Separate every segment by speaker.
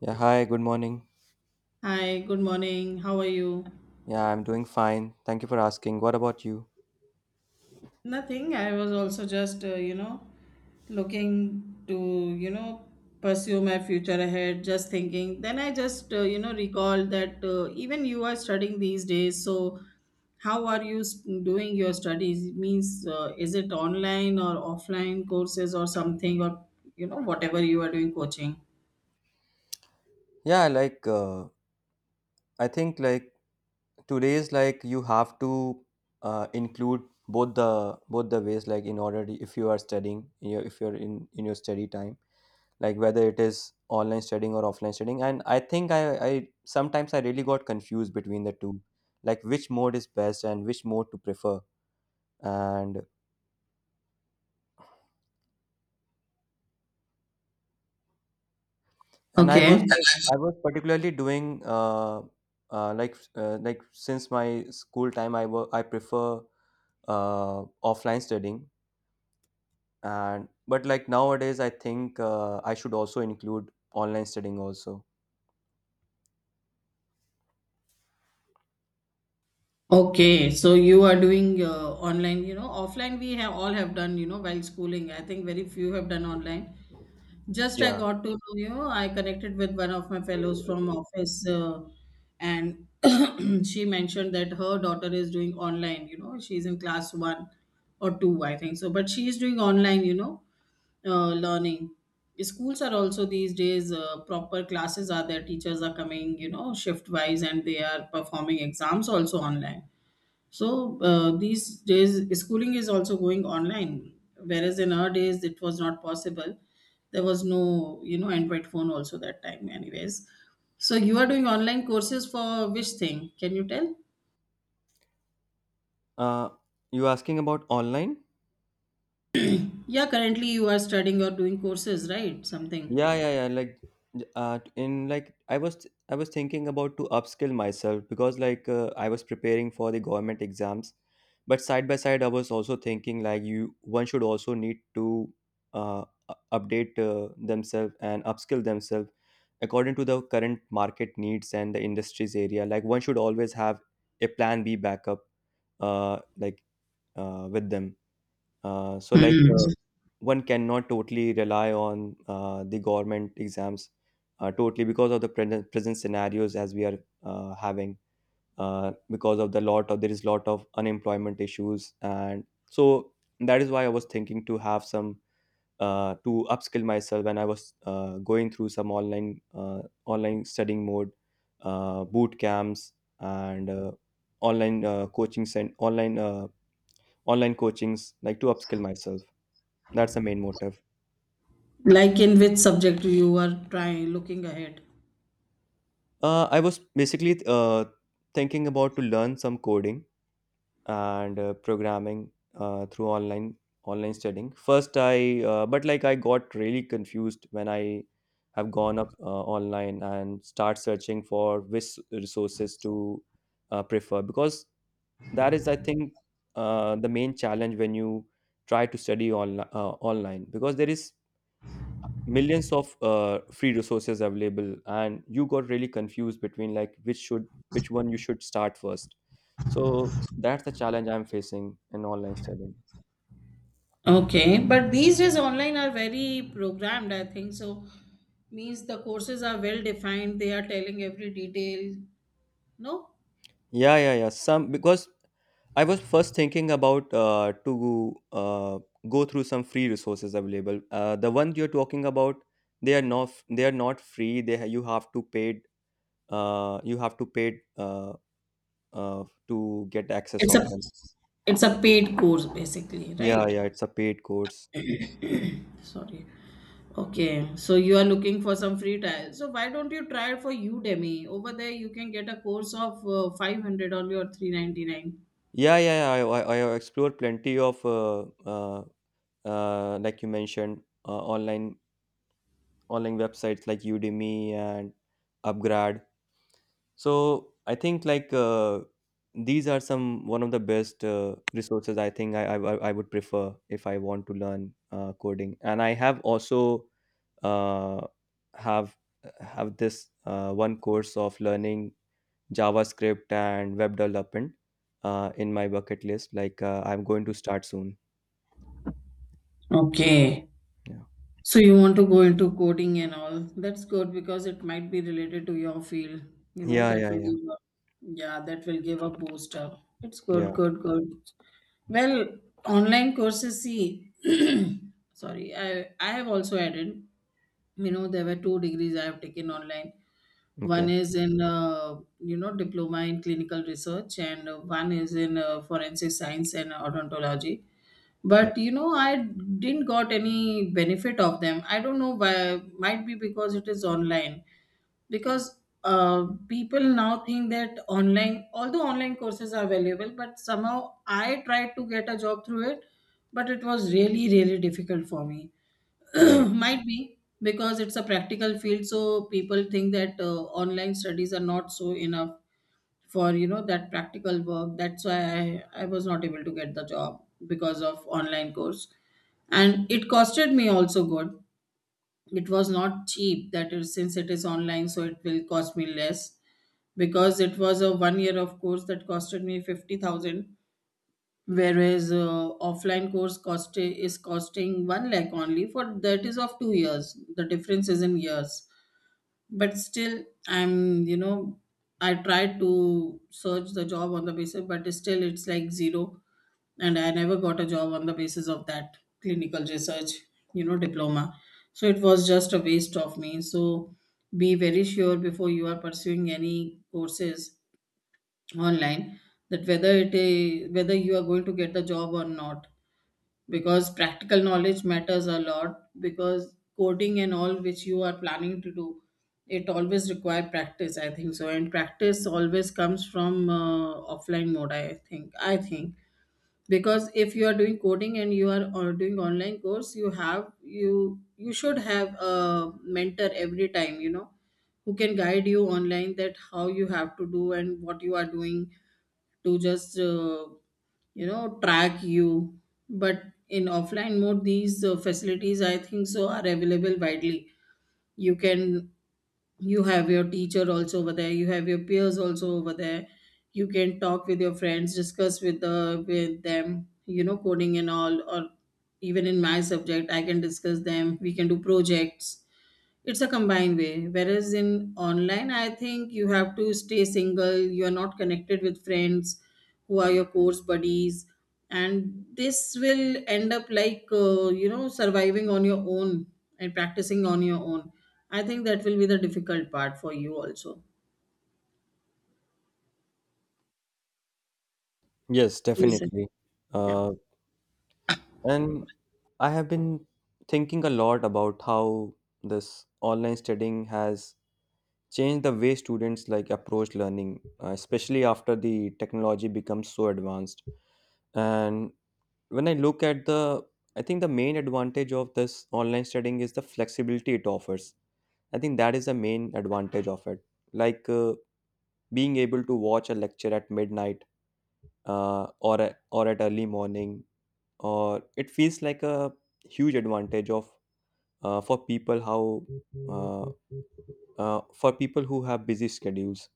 Speaker 1: Yeah, hi, good morning.
Speaker 2: Hi, good morning. How are you?
Speaker 1: Yeah, I'm doing fine. Thank you for asking. What about you?
Speaker 2: Nothing. I was also just, looking to, you know, pursue my future ahead, just thinking. Then I just, recalled that even you are studying these days. So, how are doing your studies? Means, is it online or offline courses or something, or whatever you are doing, coaching?
Speaker 1: Yeah, like I think like today's like you have to include both the ways like if you are studying, if you're in your study time, like whether it is online studying or offline studying. And I think I sometimes I really got confused between the two, like which mode is best and which mode to prefer. And And I
Speaker 2: Okay.
Speaker 1: was like, I was particularly doing like since my school time, I prefer offline studying. And but like nowadays, I think I should also include online studying also.
Speaker 2: Okay, so you are doing online, you know, offline we have all have done, you know, while schooling. I think very few have done online. Just I
Speaker 1: Yeah.
Speaker 2: got to know, you know, I connected with one of my fellows from office and she mentioned that her daughter is doing online, you know, she's in class one or two, I think so, but she is doing online, you know, learning. Schools are also these days proper classes are there, teachers are coming, you know, shift wise and they are performing exams also online so these days, schooling is also going online, whereas in our days it was not possible. There was no, you know, Android phone also that time, anyways. So you are doing online courses for which thing? Can you tell?
Speaker 1: Uh, you asking about online?
Speaker 2: Yeah, currently you are studying or doing courses, right? Something.
Speaker 1: Yeah, yeah, yeah. Like, j- in like, I was thinking about to upskill myself, because like I was preparing for the government exams, but side by side I was also thinking like you one should also need to update themselves and upskill themselves according to the current market needs and the industries area. Like one should always have a plan B backup, like with them. Uh, so, like,
Speaker 2: Hmm.
Speaker 1: uh, one cannot totally rely on the government exams totally, because of the present scenarios as we are having, because of the lot of there is lot of unemployment issues. And so that is why I was thinking to have some, to upskill myself, and I was going through some online studying mode, boot camps, and online coaching online coachings, like to upskill myself. That's the main motive.
Speaker 2: Like in which subject you are trying looking ahead?
Speaker 1: I was basically thinking about to learn some coding and programming through online studying. First, I but like I got really confused when I have gone up online and start searching for which resources to prefer, because that is, I think, the main challenge when you try to study online, because there is millions of free resources available, and you got really confused between like which one you should start first. So that's the challenge I'm facing in online studying.
Speaker 2: Okay, but these days online are very programmed, I think. So means the courses are well defined, they are telling every detail. No?
Speaker 1: Yeah, yeah, yeah. Some, because I was first thinking about to go through some free resources available. The one you're talking about, they are not they are not free. You have to pay, uh, you have to pay uh, to get access
Speaker 2: It's
Speaker 1: of
Speaker 2: a
Speaker 1: them.
Speaker 2: it's a paid course basically,
Speaker 1: Yeah,
Speaker 2: right?
Speaker 1: yeah, it's a paid course.
Speaker 2: Sorry. Okay, so you are looking for some free trial. So why don't you try for Udemy? Over there you can get a course of 500 only or 399.
Speaker 1: Yeah, yeah, yeah. I explore plenty of like you mentioned, online websites like Udemy and Upgrad. So I think like these are some one of the best resources. I think I would prefer if I want to learn coding. And I have also uh, have have this one course of learning JavaScript and web development in my bucket list. Like I'm going to start soon.
Speaker 2: Okay.
Speaker 1: Yeah.
Speaker 2: So you want to go into coding and all. That's good because it might be related to your field. You know,
Speaker 1: Yeah.
Speaker 2: that
Speaker 1: Yeah.
Speaker 2: will
Speaker 1: Yeah.
Speaker 2: give a, yeah, that will give a boost up. It's
Speaker 1: Yeah.
Speaker 2: good, good, good. Well, online courses, see, sorry, I have also added, you know, there were 2 degrees I have taken online. One
Speaker 1: Okay.
Speaker 2: is in, diploma in clinical research, and one is in forensic science and odontology,
Speaker 1: Okay.
Speaker 2: but you know I didn't got any benefit of them. I don't know why. Might be because it is online, because people now think that online, although online courses are valuable, but somehow I tried to get a job through it, but it was really difficult for me.
Speaker 1: Right.
Speaker 2: Might be because it's a practical field, so people think that online studies are not so enough for you know that practical work. That's why I was not able to get the job because of online course, and it costed me also good. It was not cheap that is since it is online so it will cost me less, because it was a 1 year of course that costed me 50,000, whereas offline course cost is costing 1 lakh only for that is of 2 years. The difference is in years, but still I'm you know I tried to search the job on the basis but still it's like zero, and I never got a job on the basis of that clinical research you know diploma. So it was just a waste of me. So be very sure before you are pursuing any courses online, that whether you are going to get the job or not, because practical knowledge matters a lot. Because coding and all which you are planning to do, it always require practice I think so, and practice always comes from offline mode I think. Because if you are doing coding and you are or doing online course, you you should have a mentor every time, you know, who can guide you online, that how you have to do and what you are doing, to just you know track you. But in offline mode these facilities I think so are available widely. You can, you have your teacher also over there, you have your peers also over there, you can talk with your friends, discuss with the with them, you know, coding and all, or even in my subject I can discuss them, we can do projects. It's a combined way. Whereas in online, I think you have to stay single. You are not connected with friends who are your course buddies, and this will end up like you know surviving on your own and practicing on your own. I think that will be the difficult part for you also.
Speaker 1: Yes,
Speaker 2: You said,
Speaker 1: definitely.
Speaker 2: yeah.
Speaker 1: Uh, and I have been thinking a lot about how this online studying has changed the way students like approach learning, especially after the technology becomes so advanced. And when I look at the, I think the main advantage of this online studying is the flexibility it offers. I think that is the main advantage of it. Like being able to watch a lecture at midnight, or at early morning, or it feels like a huge advantage of for people how uh, for people who have busy schedules.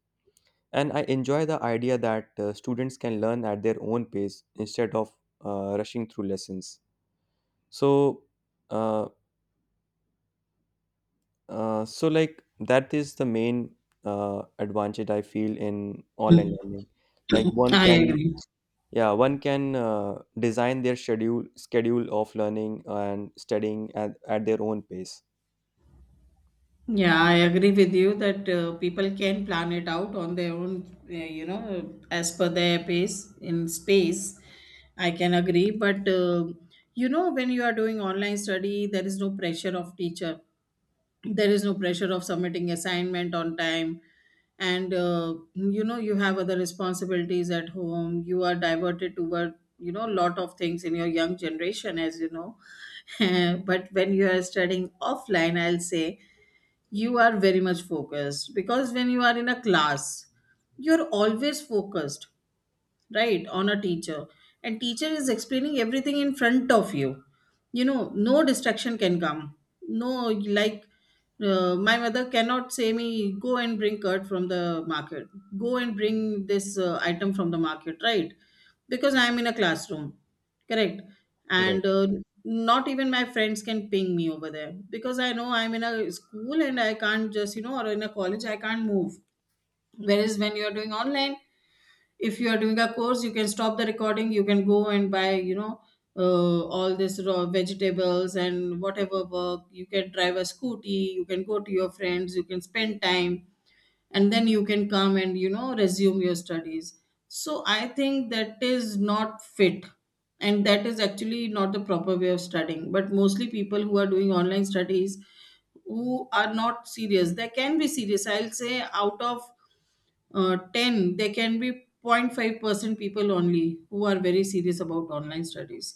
Speaker 1: And I enjoy the idea that students can learn at their own pace instead of rushing through lessons. So. Uh, so like that is the main advantage I feel in
Speaker 2: Mm.
Speaker 1: online learning. Like one
Speaker 2: I
Speaker 1: can,
Speaker 2: agree.
Speaker 1: yeah, one can design their schedule of learning and studying at their own pace.
Speaker 2: Yeah, I agree with you that people can plan it out on their own, you know, as per their pace in space. I can agree, but you know, when you are doing online study, there is no pressure of teacher. There is no pressure of submitting assignment on time, and you know, you have other responsibilities at home. You are diverted toward you know lot of things in your young generation, as you know. But when you are studying offline, I'll say you are very much focused, because when you are in a class you're always focused, right, on a teacher, and teacher is explaining everything in front of you, you know. No distraction can come, no, like, my mother cannot say me go and bring curd from the market, go and bring this item from the market, right, because I am in a classroom, correct. And
Speaker 1: Right.
Speaker 2: not even my friends can ping me over there, because I know I'm in a school and I can't just you know, or in a college I can't move. Whereas when you're doing online, if you are doing a course you can stop the recording, you can go and buy you know all this raw vegetables and whatever work, you can drive a scooty, you can go to your friends, you can spend time, and then you can come and you know resume your studies. So I think that is not fit, and that is actually not the proper way of studying. But mostly people who are doing online studies who are not serious, they can be serious, I'll say out of 10 there can be 0.5% people only who are very serious about online studies.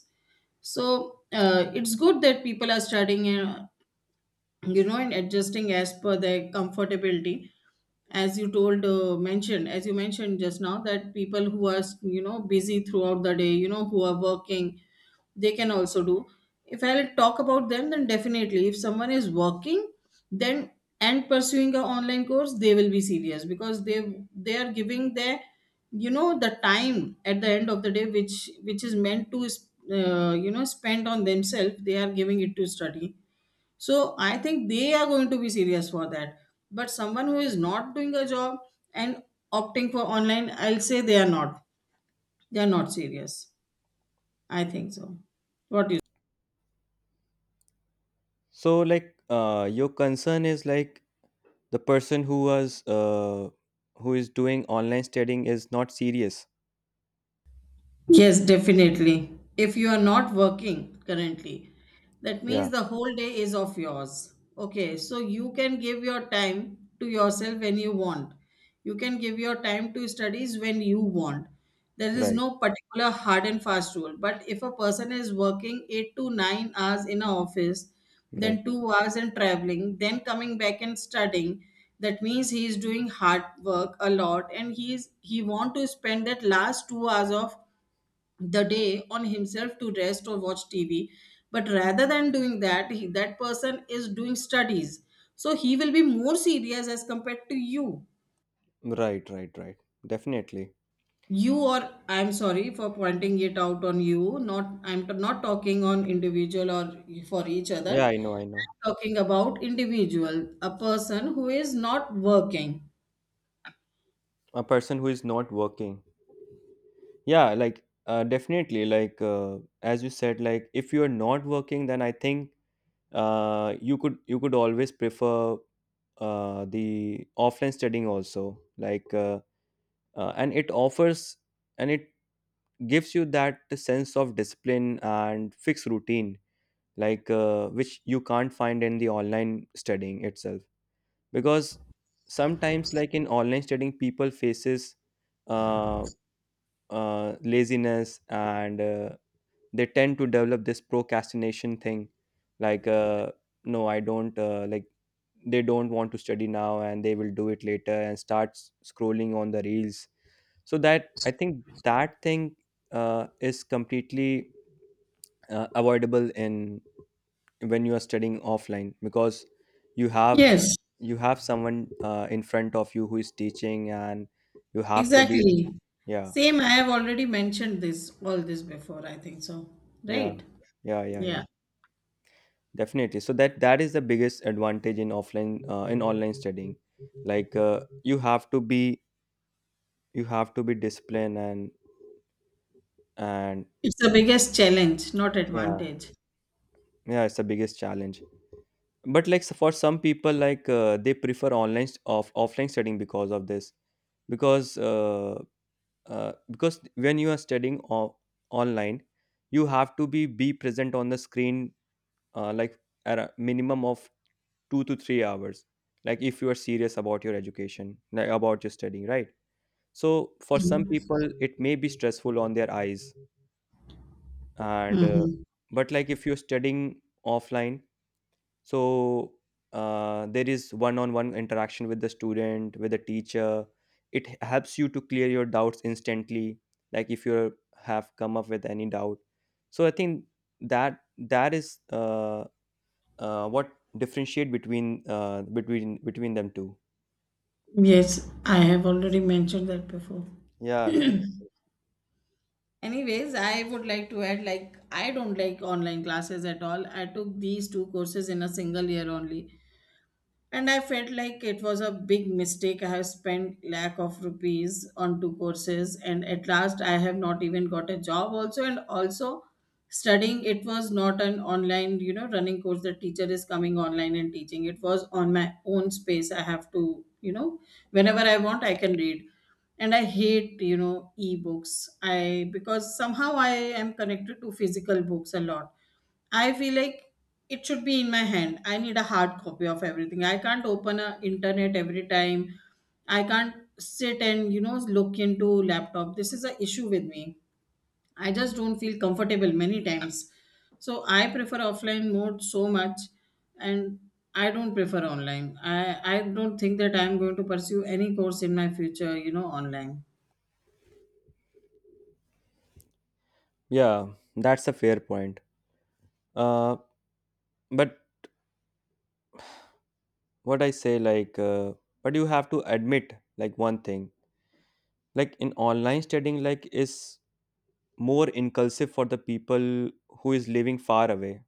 Speaker 2: So it's good that people are studying you know and adjusting as per their comfortability, as you mentioned just now that people who are you know busy throughout the day, you know, who are working, they can also do. If I'll talk about them, then definitely if someone is working, then, and pursuing a online course, they will be serious, because they are giving their you know the time at the end of the day, which is meant to you know spend on themselves, they are giving it to study. So I think they are going to be serious for that. But someone who is not doing a job and opting for online, I'll say they are not. They are not serious. I think so. What do you?
Speaker 1: So like your concern is like the person who is doing online studying is not serious.
Speaker 2: Yes, definitely. If you are not working currently, that means
Speaker 1: Yeah.
Speaker 2: the whole day is of yours. Okay, so you can give your time to yourself when you want. You can give your time to studies when you want. There is
Speaker 1: Right.
Speaker 2: no particular hard and fast rule. But if a person is working 8 to 9 hours in an office,
Speaker 1: Right.
Speaker 2: then 2 hours and traveling, then coming back and studying, that means he is doing hard work a lot, and he want to spend that last 2 hours of the day on himself to rest or watch TV. But rather than doing that, he, that person is doing studies. So he will be more serious as compared to you.
Speaker 1: Right. Right. Right. Definitely.
Speaker 2: You, or I'm sorry for pointing it out on you. Not not talking on individual or for each
Speaker 1: Yeah,
Speaker 2: other.
Speaker 1: I know. I know.
Speaker 2: Talking about individual, a person who is not working.
Speaker 1: A person who is not working. Yeah, like definitely, like as you said, like if you are not working, then I think you could always prefer the offline studying also. Like and it offers and it gives you that sense of discipline and fixed routine, like which you can't find in the online studying itself, because sometimes, like in online studying, people faces uh, laziness, and they tend to develop this procrastination thing. Like no, I don't like, they don't want to study now and they will do it later, and start scrolling on the reels. So that, I think, that thing is completely avoidable in, when you are studying offline, because you have
Speaker 2: Yes,
Speaker 1: someone in front of you who is teaching, and you have to be.
Speaker 2: exactly.
Speaker 1: Yeah,
Speaker 2: Same. I have already mentioned this all this before. I think so.
Speaker 1: yeah,
Speaker 2: Right?
Speaker 1: yeah. Yeah,
Speaker 2: Yeah.
Speaker 1: yeah, definitely. So that that is the biggest advantage in offline in online studying. Like you have to be, disciplined and.
Speaker 2: It's the biggest challenge, not
Speaker 1: Yeah.
Speaker 2: advantage.
Speaker 1: Yeah, it's the biggest challenge. But like, so for some people, like they prefer online st- off offline studying because of this. Because because when you are studying online, you have to be present on the screen, like at a minimum of 2 to 3 hours. Like if you are serious about your education, like about your studying, right? So for some people it may be stressful on their eyes. And
Speaker 2: Mm-hmm.
Speaker 1: but like if you're studying offline, so there is one-on-one interaction with the student, with the teacher. It helps you to clear your doubts instantly, like if you have come up with any doubt. So I think that that is what differentiate between between them two.
Speaker 2: Yes, I have already mentioned that before.
Speaker 1: yeah def-
Speaker 2: Anyways, I would like to add like I don't like online classes at all. I took these two courses in a single year only, and I felt like it was a big mistake. I have spent lakh of rupees on two courses and at last I have not even got a job also. And also, studying, it was not an online you know running course, the teacher is coming online and teaching. It was on my own space, I have to you know whenever I want I can read. And I hate you know ebooks, I because somehow I am connected to physical books a lot. I feel like it should be in my hand. I need a hard copy of everything. I can't open a internet every time. I can't sit and you know look into laptop. This is a issue with me. I just don't feel comfortable many times. So I prefer offline mode so much, and I don't prefer online. I don't think that I'm going to pursue any course in my future, you know, online.
Speaker 1: yeah, that's a fair point. uh, but what I say, like but you have to admit like one thing, like in online studying, like is more inclusive for the people who is living far away.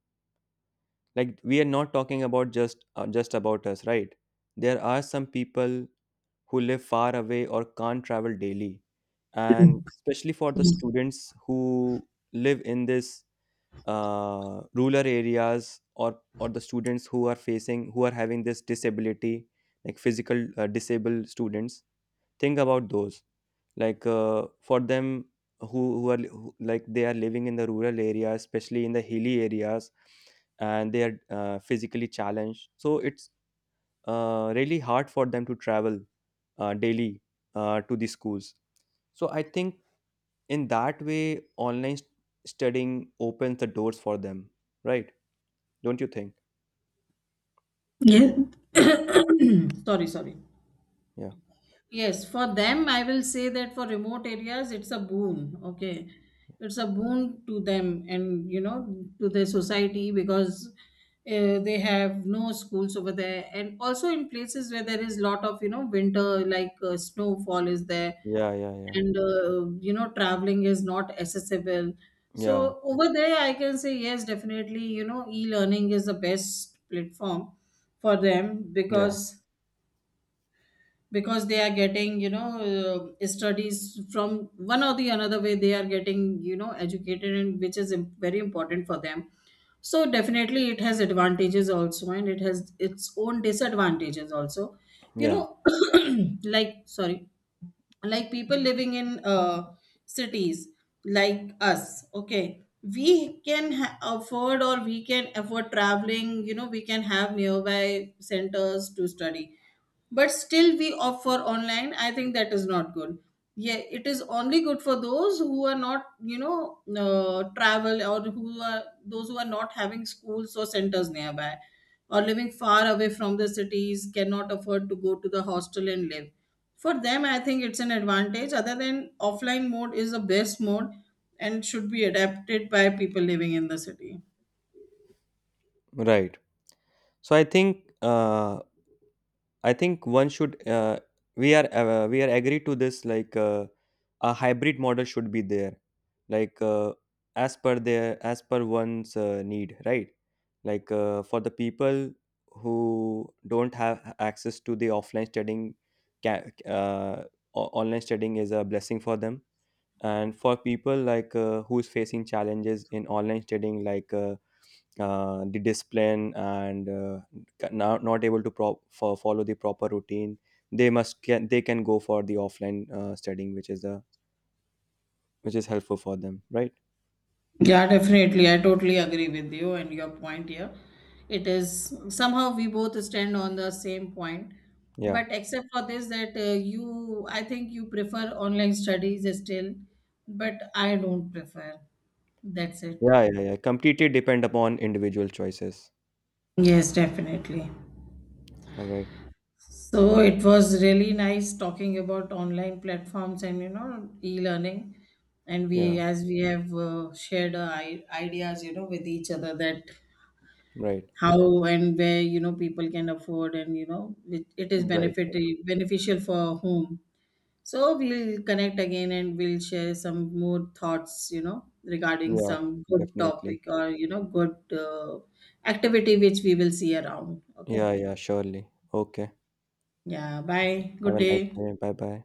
Speaker 1: Like we are not talking about just about us, right? There are some people who live far away or can't travel daily, and especially for the students who live in this rural areas, or the students who are facing, who are having this disability, like physical disabled students. Think about those. Like for them, who, like they are living in the rural areas, especially in the hilly areas, and they are physically challenged. So it's really hard for them to travel daily to the schools. So I think in that way, studying opens the doors for them, right? Don't you think?
Speaker 2: Yeah. Sorry, sorry.
Speaker 1: Yeah,
Speaker 2: Yes, for them, I will say that for remote areas, it's a boon. Okay. It's a boon to them and, you know, to the society because they have no schools over there. And also in places where there is lot of, you know, winter, like snowfall is there,
Speaker 1: yeah, yeah, yeah,
Speaker 2: and, you know, traveling is not accessible.
Speaker 1: yeah,
Speaker 2: So over there, I can say, yes, definitely, you know, e-learning is the best platform for them,
Speaker 1: yeah,
Speaker 2: because they are getting you know studies from one or the another way, they are getting you know educated, and which is very important for them. So definitely it has advantages also, and it has its own disadvantages also, you
Speaker 1: yeah.
Speaker 2: know. Like, sorry, like people living in cities like us, okay, we can afford traveling, you know, we can have nearby centers to study, but still we opt for online. I think that is not good. Yeah, it is only good for those who are not you know travel, or who are those who are not having schools or centers nearby, or living far away from the cities, cannot afford to go to the hostel and live. For them, I think it's an advantage. Other than, offline mode is the best mode and should be adapted by people living in the city.
Speaker 1: Right. So I think one should, we are, we are agree to this, like a hybrid model should be there. Like as per their, as per one's need, right? Like for the people who don't have access to the offline studying, ca- uh, online studying is a blessing for them. And for people like who's facing challenges in online studying, like the discipline, and not able to follow the proper routine. They must can they can go for the offline studying, which is helpful for them, right?
Speaker 2: Yeah, definitely. I totally agree with you and your point here. It is somehow we both stand on the same point.
Speaker 1: Yeah,
Speaker 2: But except for this, that you, I think you prefer online studies still, but I don't prefer. That's it.
Speaker 1: yeah, yeah, yeah, completely depend upon individual choices.
Speaker 2: Yes, definitely.
Speaker 1: All right.
Speaker 2: So it was really nice talking about online platforms and you know e-learning, and we,
Speaker 1: Yeah.
Speaker 2: as we have shared our ideas you know with each other, that
Speaker 1: Right,
Speaker 2: how and where you know people can afford, and you know it, it is
Speaker 1: right,
Speaker 2: benefit
Speaker 1: right.
Speaker 2: beneficial for whom. So we'll connect again and we'll share some more thoughts you know regarding
Speaker 1: Yeah,
Speaker 2: some good
Speaker 1: definitely.
Speaker 2: topic or you know good uh, activity which we will see around. Okay.
Speaker 1: Yeah, yeah, surely. Okay.
Speaker 2: Yeah. Bye.
Speaker 1: Have
Speaker 2: Good
Speaker 1: a nice
Speaker 2: day.
Speaker 1: day. Bye bye.